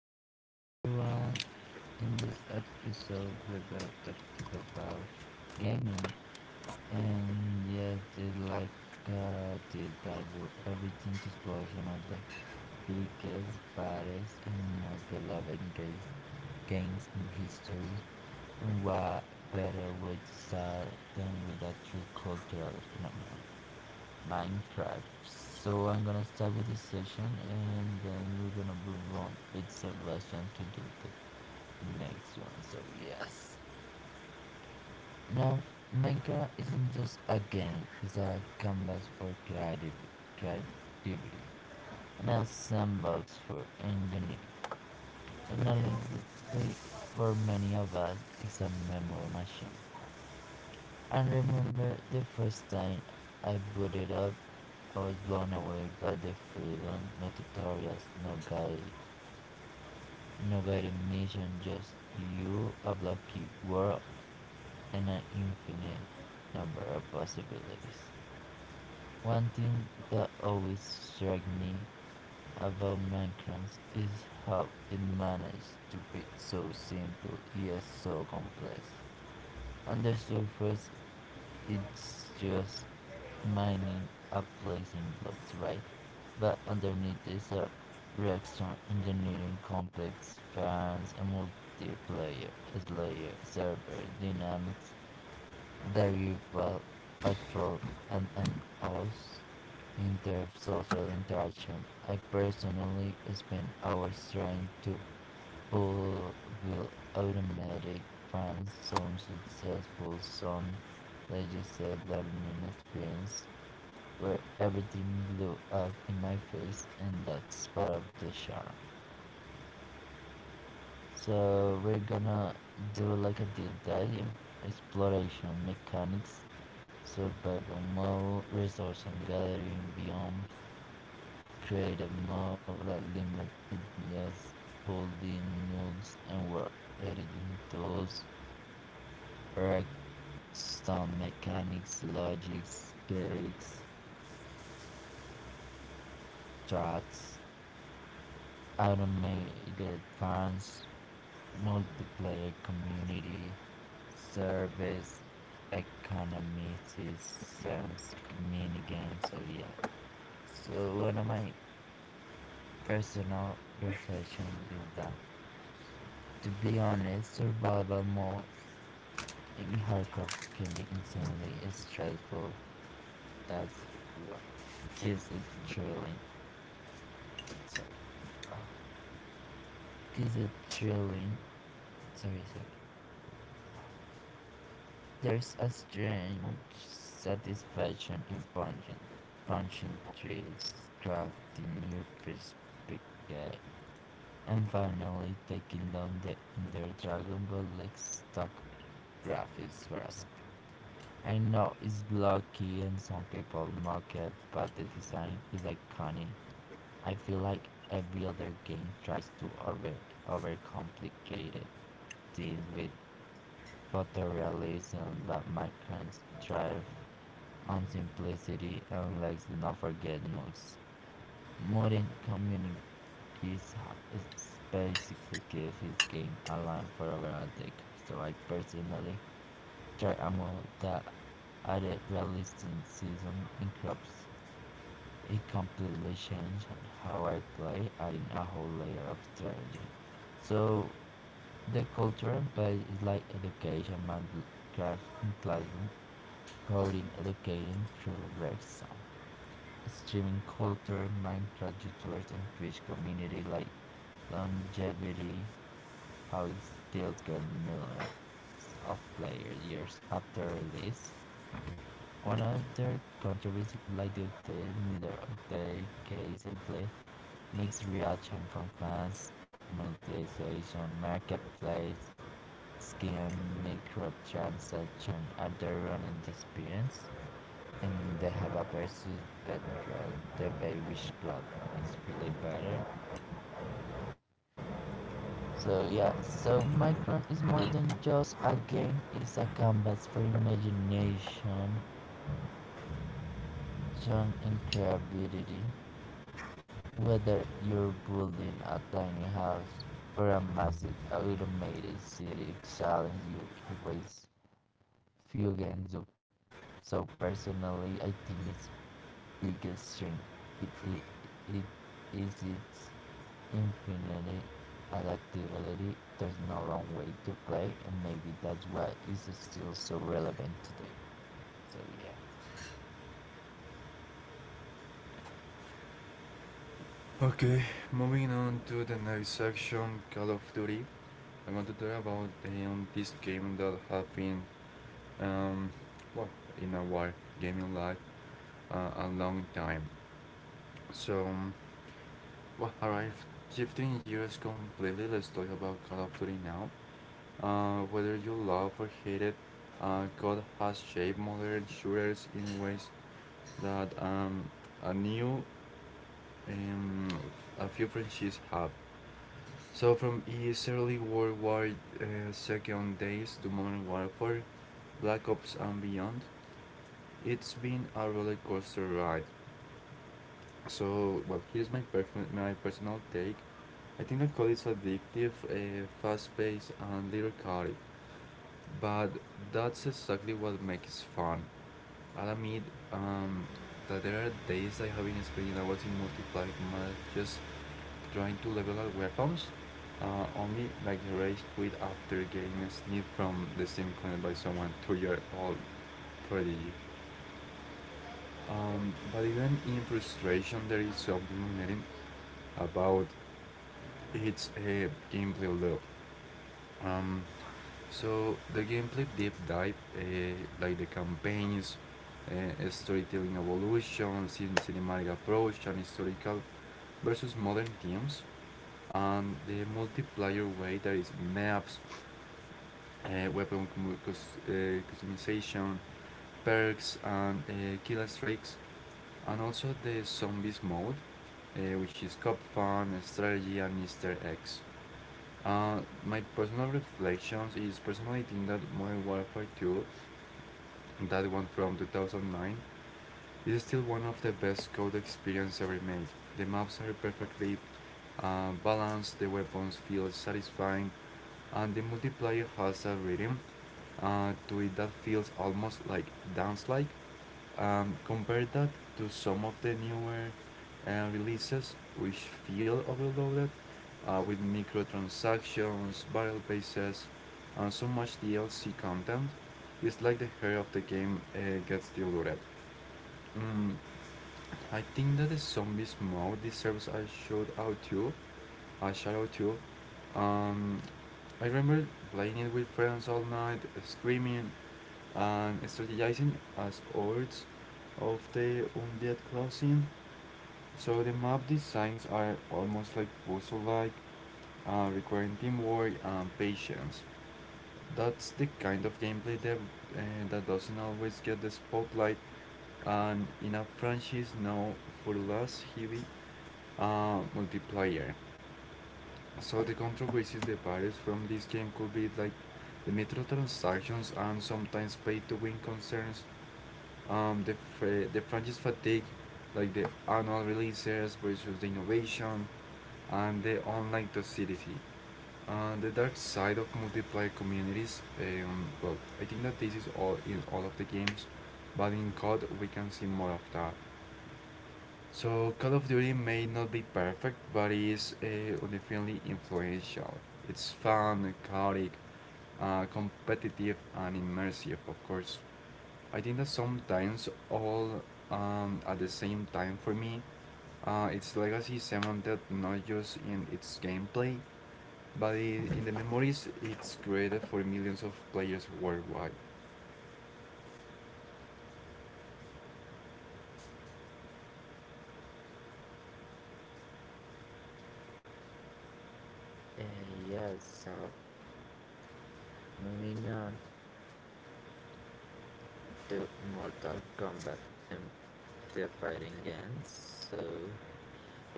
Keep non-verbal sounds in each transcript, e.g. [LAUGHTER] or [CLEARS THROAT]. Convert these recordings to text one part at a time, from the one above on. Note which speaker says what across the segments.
Speaker 1: Hello everyone. In this episode, we're gonna talk about gaming, and yes, it's like the dive of everything to explosion of the biggest, baddest, and most beloved games in history. And what better way to start than with a true cultural phenomenon, Minecraft. So I'm gonna start with the session, and then we're gonna move on with Sebastian to do the next one. So yes. Now Minecraft isn't just a game, it's a canvas for creative creativity, and a sandbox for engineering. And honestly, for many of us it's a memory machine. I remember the first time I booted up, I was blown away by the freedom, no tutorials, no guide no guided mission, just you, a blocky world and an infinite number of possibilities. One thing that always struck me about Minecraft is how it managed to be so simple yet so complex. On the surface, it's just mining and placing blocks, right? But underneath these are Rexon engineering complex fans and multiplayer, slayer, server, dynamics. The rival attracts an oath in their social interaction. I personally spend hours trying to build automatic friends. Some successful, some let just say learning experience where everything blew up in my face, and that's part of the charm. So we're gonna do like a deep dive exploration mechanics survival mode, resource and gathering biomes, create a mode like limitless holding moves and work editing tools, erect sound mechanics, logics, cakes, charts, automated farms, multiplayer community, service, economy systems, minigames, so yeah. So what am I Personal reflection is that, to be honest, survival mode in hardcore can be insanely stressful. That's what gives it thrilling. Sorry. Oh, gives it thrilling. Sorry, sorry. Oh. There's a strange satisfaction in punching trees, crafting your first big guy, and finally taking down the Ender Dragon Ball like stock graphics for a I know it's blocky and some people mock it, but the design is iconic. I feel like every other game tries to overcomplicate it, with photorealism, but Minecraft thrives on simplicity, and let's not forget modes. Modern communities basically give his game a line for over a decade, so I personally try a mode that added realistic seasons and crops. It completely changed how I play, adding a whole layer of strategy. So the culture and play is like education, Minecraft in classroom, coding, education through Rexon, streaming culture, Minecraft YouTubers and Twitch community like longevity, how it still get millions of players years after release. One of their countries, like the Nethercase Cliff, mixed reaction from fans, monetization, marketplace, skin, microtransaction other running experience, and they have a versus Petrol, the way which platform is really better. So yeah, so Minecraft is more than just a game, it's a canvas for imagination, and creativity. Whether you're building a tiny house or a massive automated city challenges you in ways few games do. So personally, I think its biggest strength it, it, it is its infinity adaptability. There's no wrong way to play, and maybe that's why it's still so relevant today. So yeah.
Speaker 2: Okay, moving on to the next section, Call of Duty. I want to talk about this game that has been, um, well, in our gaming life a long time. So, well, alright, 15 years completely. Let's talk about Call of Duty now. Whether you love or hate it, God has shaped modern shooters in ways that a new um, a few franchises have. So from its early World War uh, Second days to modern warfare, Black Ops and beyond, it's been a roller coaster ride. So here's my my personal take. I think that code is addictive, fast-paced, and little chaotic, but that's exactly what makes it fun. I'll admit um, that there are days I have been spending hours in multiplayer matches trying to level up weapons, only like a rage quit after getting a sniff from the same clan by someone 2 year old prodigy. But even in frustration, there is something magnetic about its gameplay loop. Um, so the gameplay deep dive, like the campaigns, storytelling evolution, cinematic approach, and historical versus modern themes, and the multiplayer way there is maps, weapon customization, perks, and kill streaks, and also the zombies mode, which is cop fun, strategy, and Easter eggs. Uh, my personal reflections is personally think that Modern Warfare 2, that one from 2009, is still one of the best code experience ever made. The maps are perfectly balanced, the weapons feel satisfying, and the multiplayer has a rhythm to it that feels almost like dance like. Compare that to some of the newer releases which feel overloaded with microtransactions, battle passes, and so much DLC content. It's like the hair of the game gets diluted. Mm, I think that the zombies mode deserves a shout out too, a shout out too. Um, I remember playing it with friends all night, screaming, and strategizing as hordes of the undead closing. So the map designs are almost like puzzle-like, requiring teamwork and patience. That's the kind of gameplay uh, that doesn't always get the spotlight, and in a franchise now for less heavy multiplayer. So the controversies that varies from this game could be like the microtransactions and sometimes pay-to-win concerns um, the, the franchise fatigue, like the annual releases versus the innovation and the online toxicity. The dark side of multiplayer communities, I think that this is all in all of the games, but in COD we can see more of that. So Call of Duty may not be perfect, but it is definitely influential. It's fun, chaotic, competitive, and immersive, of course. I think that sometimes all at the same time for me, it's legacy is someone that not just in its gameplay, but I in the memories it's created for millions of players worldwide.
Speaker 1: Uh, yes. So moving on to Mortal Kombat and the fighting ends, so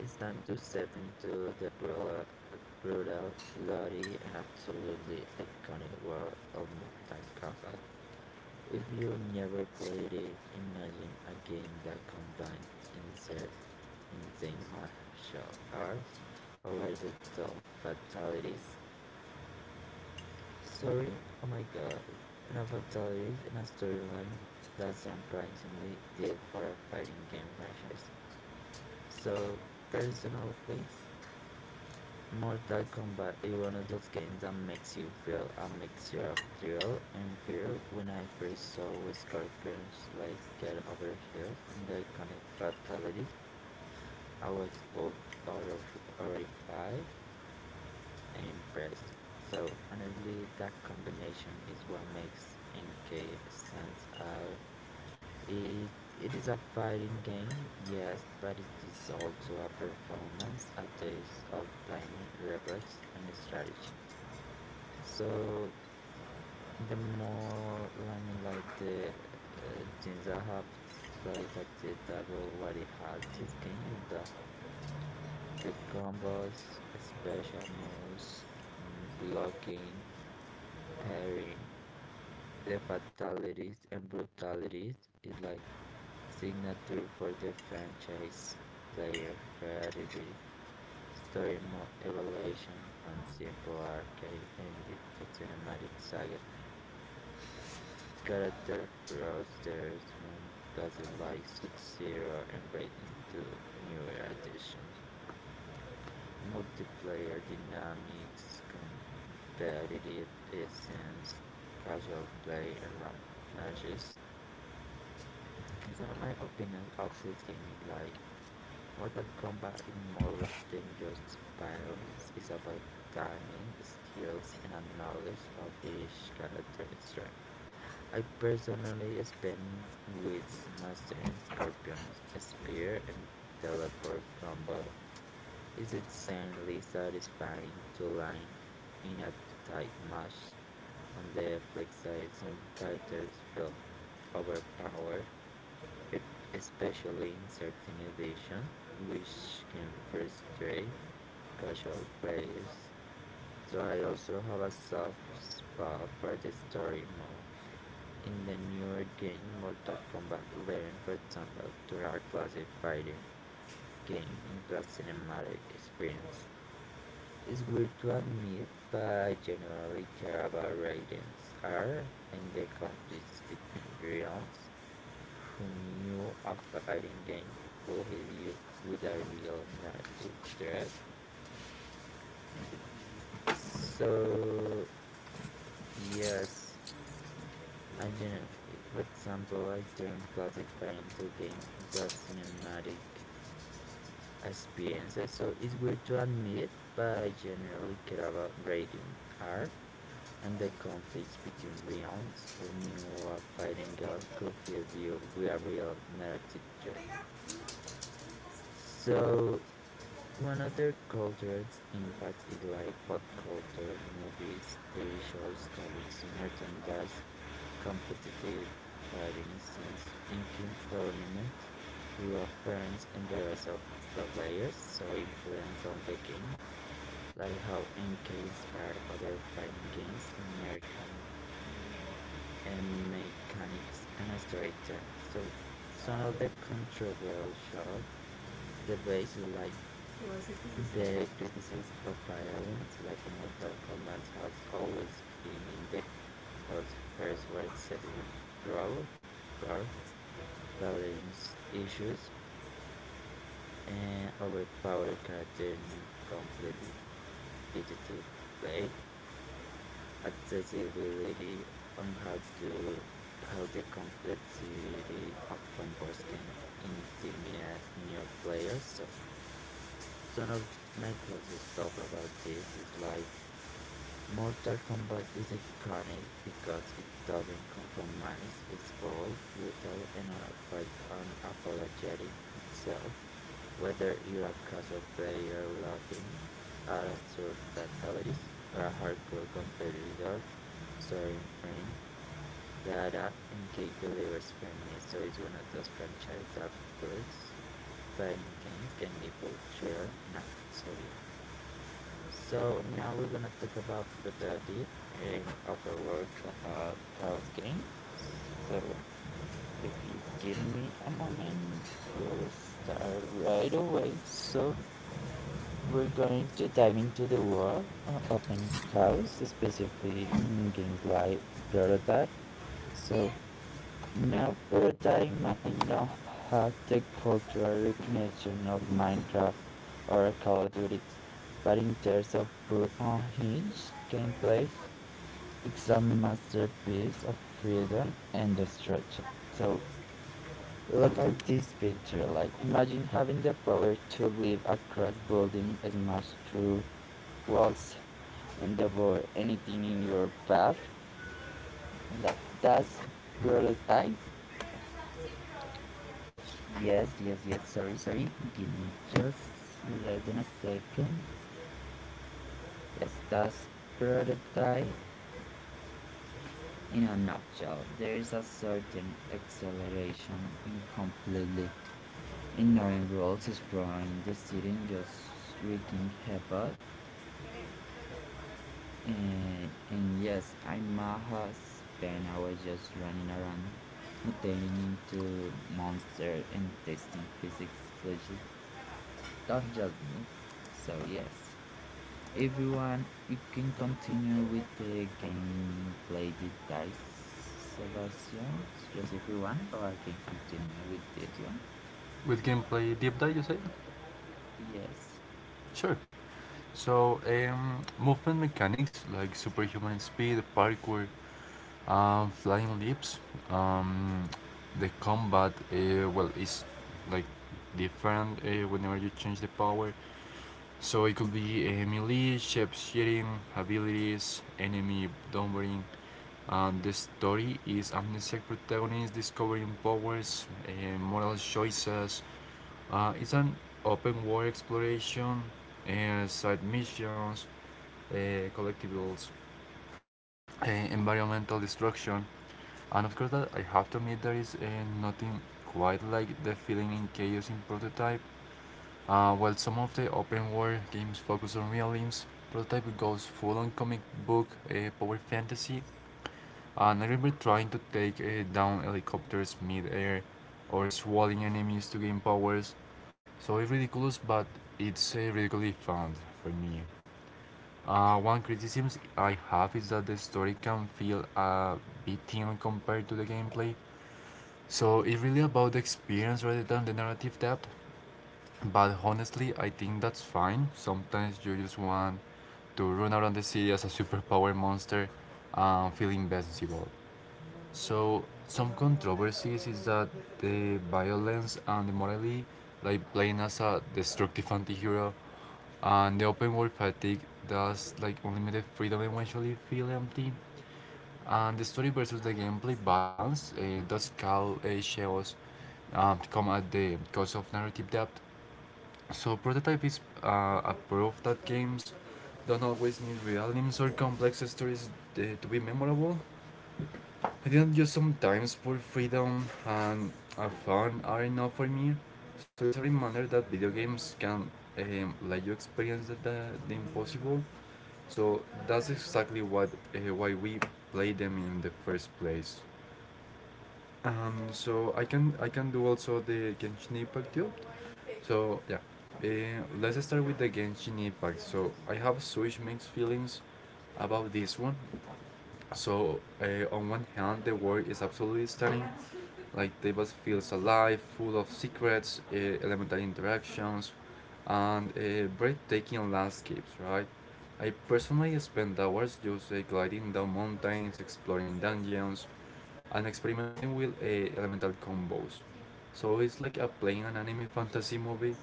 Speaker 1: it's time to step into the brutal bloody, and absolutely iconic world of Mortal Kombat. If you never played it, imagine a game that combines insane martial arts, over the top fatalities. Sorry, oh my god, enough fatalities in a storyline that's surprisingly did for a fighting game franchise. So, personally, Mortal Kombat is one of those games that makes you feel a mixture of thrill and fear. When I first saw Scorpions like get over heels and the iconic fatalities, I was both horrified and impressed. So honestly, that combination is what makes NK stands out. It is a fighting game, yes, but it is also a performance, a test of time, and reflex, and strategy. So the more I mean, like the Jinza has, like that the type of what it has this game is the combos, special moves, blocking, pairing. The fatalities and brutalities is like signature for the franchise player creativity. Story mode evolution from simple arcade endings to cinematic sagas character flusters when like shoots Zero and Raid into newer additions. Multiplayer dynamics, competitive essence, casual play, and rank matches. Some of my opinions of this game is like Mortal Kombat is more than just violence, it's about timing, skills, and a knowledge of each character's strength. I personally spent with mastering Scorpion, Spear, and Teleport combo. It's insanely satisfying to line in a tight match. On the flip side, some characters feel overpowered, especially in certain editions, which can frustrate casual players. So I also have a soft spot for the story mode in the newer game Mortal Kombat 11, for example, turned a classic fighting game into a cinematic experience. It's weird to admit, but I generally care about Raiden's art and the conflicts between realms. Who knew a fighting game could hit you with a real narrative threat? So, yes, I generally, for example, I turned classic fighting to game into a cinematic experiences, so it's weird to admit, but I generally care about rating R and the conflicts between realms who knew what fighting God could help you with a real narrative threat. So one of the cultural impacts is like pop culture, movies, TV shows, comics, merchandise, competitive fighting scenes, and king tournament, your parents and the rest of pro players, so influence on the game. Like how N K inspired other fighting games in merchant and mechanics and storytelling. So some of the controversial debates like the criticism of violence, like Mortal Kombat has always been in the crosshairs for excessive gore, gore, balance issues, and overpowered characters in completely repetitive play. Accessibility and how the complexity of combos can intimidate new players. So some of my closest stuff about this is like Mortal Kombat is iconic because it doesn't compromise. It's bold, brutal, and unapologetic itself. Whether you're a casual player laughing at absurd fatalities or a hardcore competitor soaring friend, Dada and Cake delivers for me. So it's one of those franchise that proves fighting games can be both chilling and artful. So yeah. So now we're gonna talk about Protagit in Upper World Cloud Chaos Games. So if you give me a moment, we'll start right away. So we're going to dive into the world of open chaos, specifically in games like Prototype. So now Prototype might not have the cultural recognition of Minecraft or Call of Duty, but in terms of pure unhinged gameplay, it's a masterpiece of freedom and destruction. So look at this picture. Like imagine having the power to leap across building, smash through walls, and devour anything in your path. And that's prototype. Yes, yes, yes. Sorry, sorry. Give me just less than a second. Yes, that's prototype. In a nutshell, there is a certain acceleration in completely in Northern Rules exploring the city and just wreaking havoc. And yes, I might have spent hours just running around, mutating into monsters and testing physics glitches, not just me. So yes, everyone, you can continue with the gameplay details, Sebastian, just if you want, or I can continue with this one.
Speaker 2: With gameplay deep dive, you say?
Speaker 1: Yes,
Speaker 2: Sure. So movement mechanics like superhuman speed, parkour, flying leaps, um, the combat. Well, it's like different whenever you change the power. So it could be a melee, shape shifting, abilities, enemy downwarding. And the story is amnesiac protagonist discovering powers, and moral choices. It's an open world exploration, side missions, collectibles, environmental destruction. And of course, that I have to admit there is nothing quite like the feeling in Chaos in Prototype. While some of the open world games focus on realism, Prototype goes full on comic book power fantasy. And I remember trying to take down helicopters mid-air or swallowing enemies to gain powers. So it's ridiculous, but it's ridiculously fun for me. One criticism I have is that the story can feel a bit thin compared to the gameplay. So it's really about the experience rather than the narrative depth. But honestly, I think that's fine. Sometimes you just want to run around the city as a superpower monster and feel invincible. So, some controversies is that the violence and the morally, like playing as a destructive anti-hero, and the open world fatigue does like unlimited freedom eventually feel empty. And the story versus the gameplay balance does call shadows come at the cost of narrative depth. So Prototype is a proof that games don't always need real names or complex stories to be memorable. I didn't just sometimes poor freedom and fun are enough for me. So it's a reminder that video games can let you experience the impossible. So that's exactly what why we play them in the first place. So I can do also the Genshin Impact job. So yeah, let's start with the Genshin Impact. So I have such mixed feelings about this one. So on one hand, the world is absolutely stunning. Like Tebas feels alive, full of secrets, elemental interactions, and breathtaking landscapes. Right. I personally spend hours just gliding down mountains, exploring dungeons, and experimenting with elemental combos. So it's like a playing an anime fantasy movie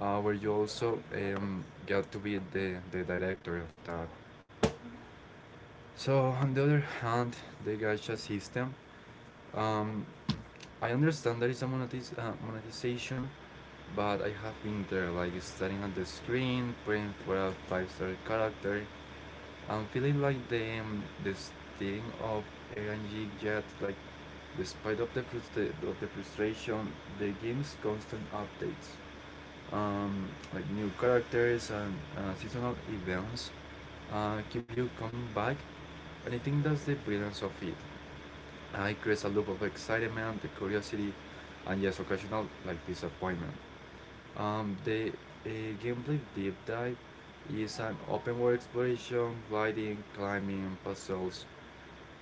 Speaker 2: where you also get to be the director of that. So on the other hand, the gacha system, um, I understand there is a monetization, but I have been there, like staring at the screen, praying for a five-star character, I'm feeling like the steering of LNG jet, like despite of of the frustration, the game's constant updates, um, like new characters and seasonal events, keep you coming back, and I think that's the brilliance of it. I creates a loop of excitement, the curiosity, and yes, occasional like disappointment. The a gameplay deep dive is an open world exploration, gliding, climbing, and puzzles.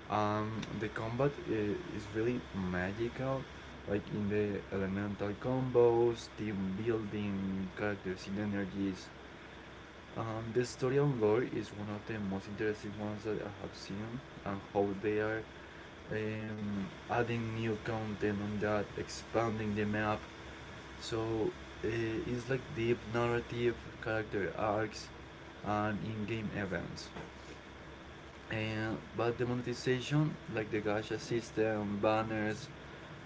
Speaker 2: The combat is really magical, like in the elemental combos, team building, characters synergies. The story and lore is one of the most interesting ones that I have seen, and how they are adding new content on that, expanding the map, so it's like deep narrative, character arcs, and in-game events. And but the monetization, like the gacha system, banners,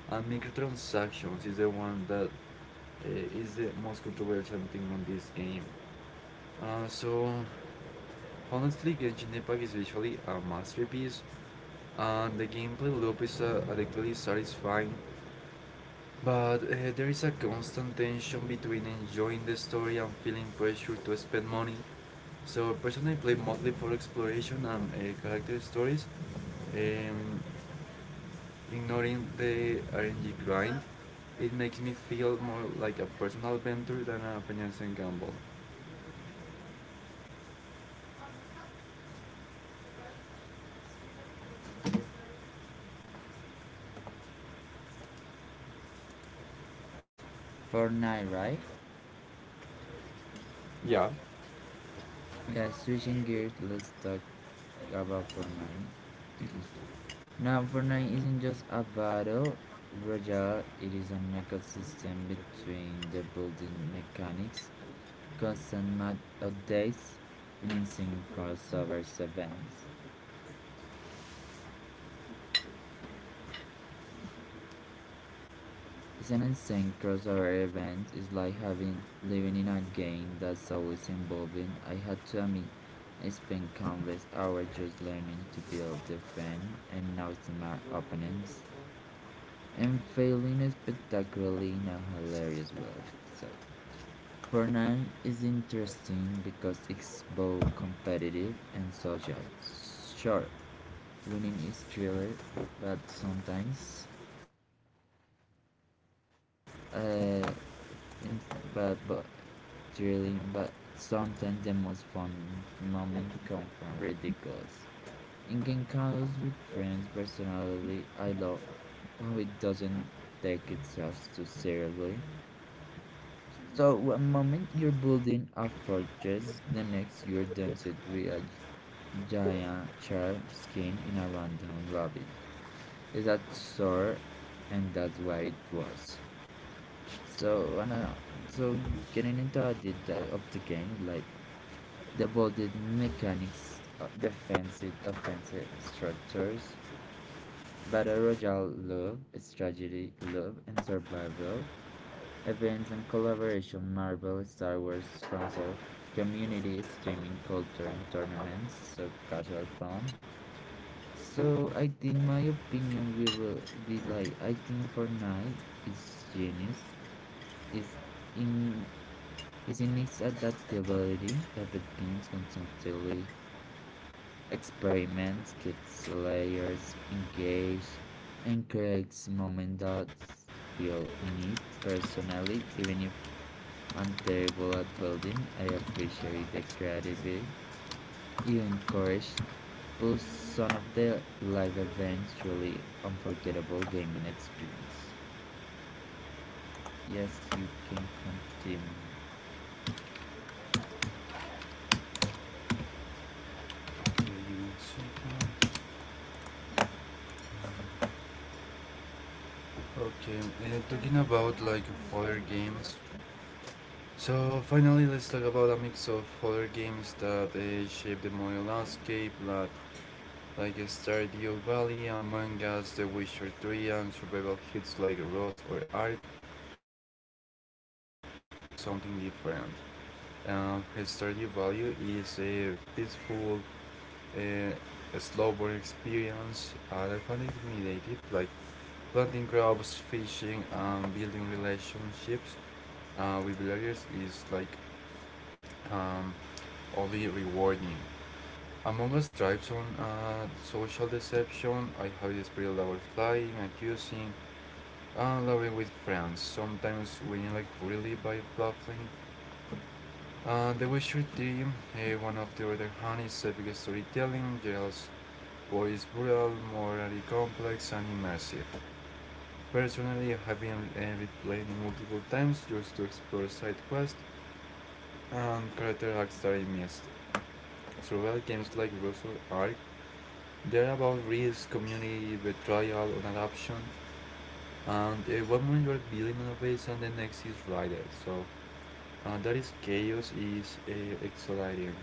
Speaker 2: and microtransactions, is the one that is the most controversial thing on this game. So honestly, Genshin Impact is visually a masterpiece, and the gameplay loop is addictively satisfying. But there is a constant tension between enjoying the story and feeling pressure to spend money. So personally, play mostly for exploration and character stories, um, ignoring the RNG grind. It makes me feel more like a personal adventure than a financial gamble.
Speaker 1: Fortnite, right?
Speaker 2: Yeah.
Speaker 1: Yeah, switching gears, let's talk about Fortnite. Now, Fortnite isn't just a battle royale, it is an ecosystem between the building mechanics, constant map updates, and insane crossover events. It's an insane crossover event, it's like having living in a game that's always evolving. I had to admit, I spent countless hours just learning to build, defend, and outsmart opponents. Unfailing is spectacularly in a hilarious way. So, Fortnite is interesting because it's both competitive and social. Sure, winning is thriller, but sometimes, uh, but thrilling, but sometimes the most fun moments come from ridiculous. In game Genkalos with friends, personally, I love how it doesn't take itself too seriously. So one moment you're building a fortress, the next you're dancing with a giant shark skin in a random lobby. Is that sore? And that's why it works. So and, uh, so getting into the detail of the game, like the bolded mechanics, defensive, offensive structures, battle royale love, strategy love, and survival events and collaboration Marvel, Star Wars concerts, community streaming culture and tournaments, so casual fun. So I think my opinion we will be like I think Fortnite is genius. Is in is in its adaptability. Epic Games constantly experiments, gets layers, engage, and creates moments that feel unique personally, even if and terrible at building. I appreciate the creativity you encouraged, plus some of the live events truly unforgettable gaming experience. Yes, you can continue.
Speaker 2: Okay, give Okay, talking about like other games, so finally, let's talk about a mix of horror games that shape the modern landscape, like Stardew Valley, Among Us, The Witcher 3, and survival hits like Rust or Ark. So each of these games offers something different. Stardew Valley is a peaceful, uh, a slow burn experience. I found it meditative, like planting crops, fishing, and building relationships with villagers is like um, only rewarding. Among us stripes on social deception, I have this spirit about lying, accusing, and loving with friends, sometimes winning like really by bluffing. The Witcher 3, one of the other hand, is epic storytelling, Gerald's voice brutal, morally complex, and immersive. Personally, I have been replaying it multiple times just to explore side quests and character arcs that I missed. Survival games like Russell Ark, they're about risk, community, betrayal, and adoption. And one moment you're building innovation, the next is rider. So that is chaos is exhilarating.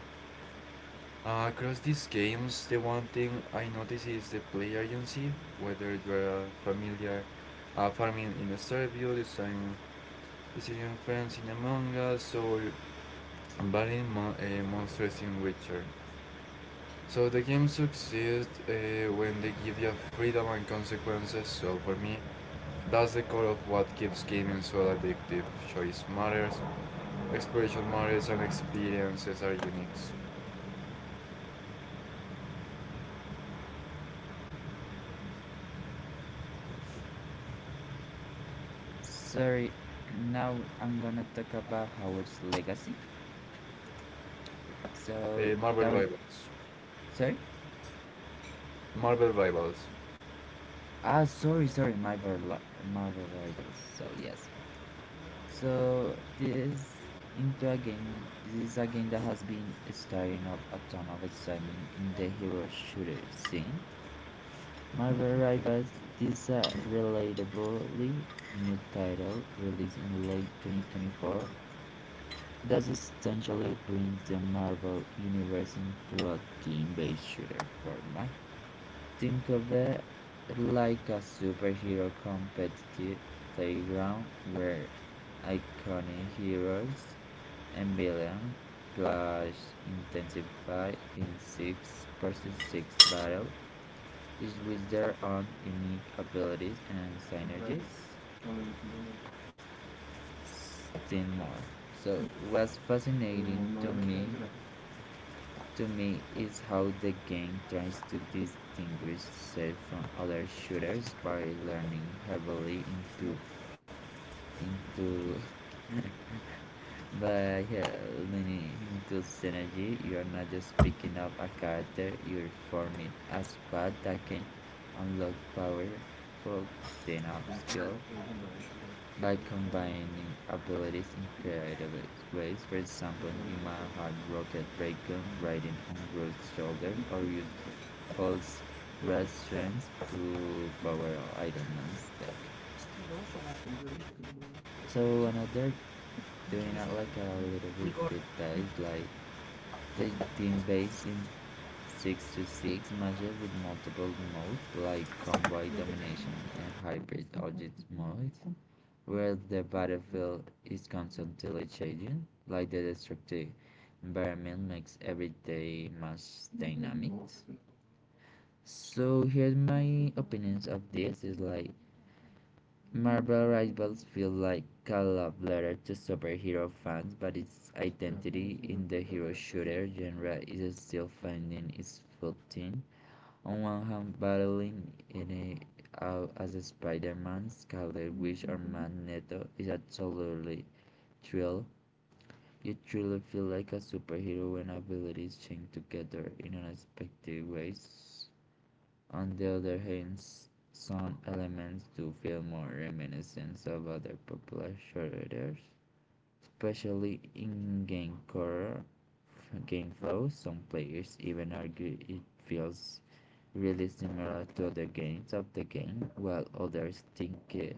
Speaker 2: Across these games, the one thing I notice is the play agency. Whether you're familiar farming in Starview, design decision friends in Among Us, or battling monsters in Witcher. So the game succeeds when they give you freedom and consequences. So for me, that's the core of what keeps gaming so addictive. Choice matters, exploration matters, and experiences are unique.
Speaker 1: Sorry, [CLEARS THROAT] now I'm gonna talk about Howard's legacy. So
Speaker 2: Marvel
Speaker 1: that we
Speaker 2: Rivals.
Speaker 1: sorry.
Speaker 2: Marvel Rivals.
Speaker 1: Ah, sorry, sorry, Marvel Rivals. So yes, So this this is a game that has been stirring up a ton of excitement in the hero shooter scene. Marvel Rivals this a relatably new title released in late 2024 that essentially brings the Marvel universe into a team-based shooter format. Think of it like a superhero competitive playground where iconic heroes Ambulance clash intensified in six versus six battle, each with their own unique abilities and synergies. Still more. So what's fascinating to me is how the game tries to distinguish itself from other shooters by leaning heavily into [LAUGHS] By yeah, leaning into synergy, you are not just picking up a character, you're forming a squad that can unlock powerful team-up skill by combining abilities in creative ways. For example, you might have Rocket Raycon riding on Groot's shoulder or use Hulk's strength to power Iron Man's deck. So another doing it like a little bit detailed like the team based in 6 to 6 matches with multiple modes like convoy domination and hybrid object modes, where the battlefield is constantly changing, like the destructive environment makes everyday match dynamics. So here's my opinions of this is like Marvel Rivals feels like a love letter to superhero fans, but its identity in the hero shooter genre is still finding its footing. On one hand, battling in a, out as a Spider-Man, Scarlet Witch, or Magneto is absolutely thrill. You truly feel like a superhero when abilities change together in unexpected ways. On the other hand, some elements do feel more reminiscent of other popular shooters, especially in game core game flow. Some players even argue it feels really similar to other games of the game, while others think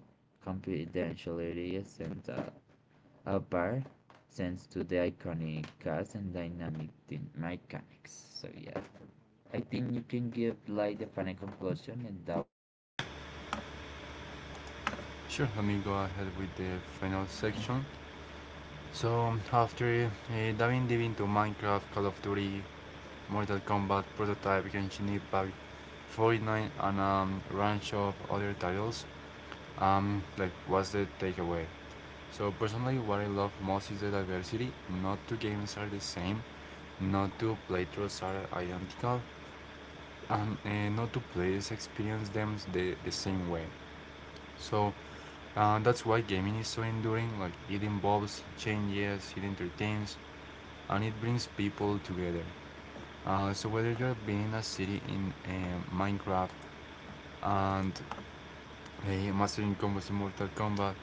Speaker 1: confidentiality isn't a bar thanks to the iconic cast and dynamic team mechanics. So yeah, I think you can give like the final conclusion and that
Speaker 2: Sure, let me go ahead with the final section. So after diving deep into Minecraft, Call of Duty, Mortal Kombat prototype Genshin Impact 49 and a range of other titles. Like, what's the takeaway? So personally, what I love most is the diversity. Not two games are the same. Not two playthroughs are identical. And not two players experience them the same way. So that's why gaming is so enduring. Like it involves, it changes, it entertains, and it brings people together. So whether you're being a city in Minecraft and mastering combos in Mortal Kombat.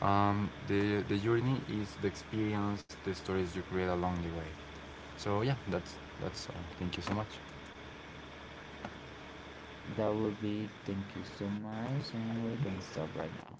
Speaker 2: The the journey is the experience, the stories you create along the way. So yeah, that's all. Thank you so much.
Speaker 1: That will be Thank you so much, and we're gonna stop right now.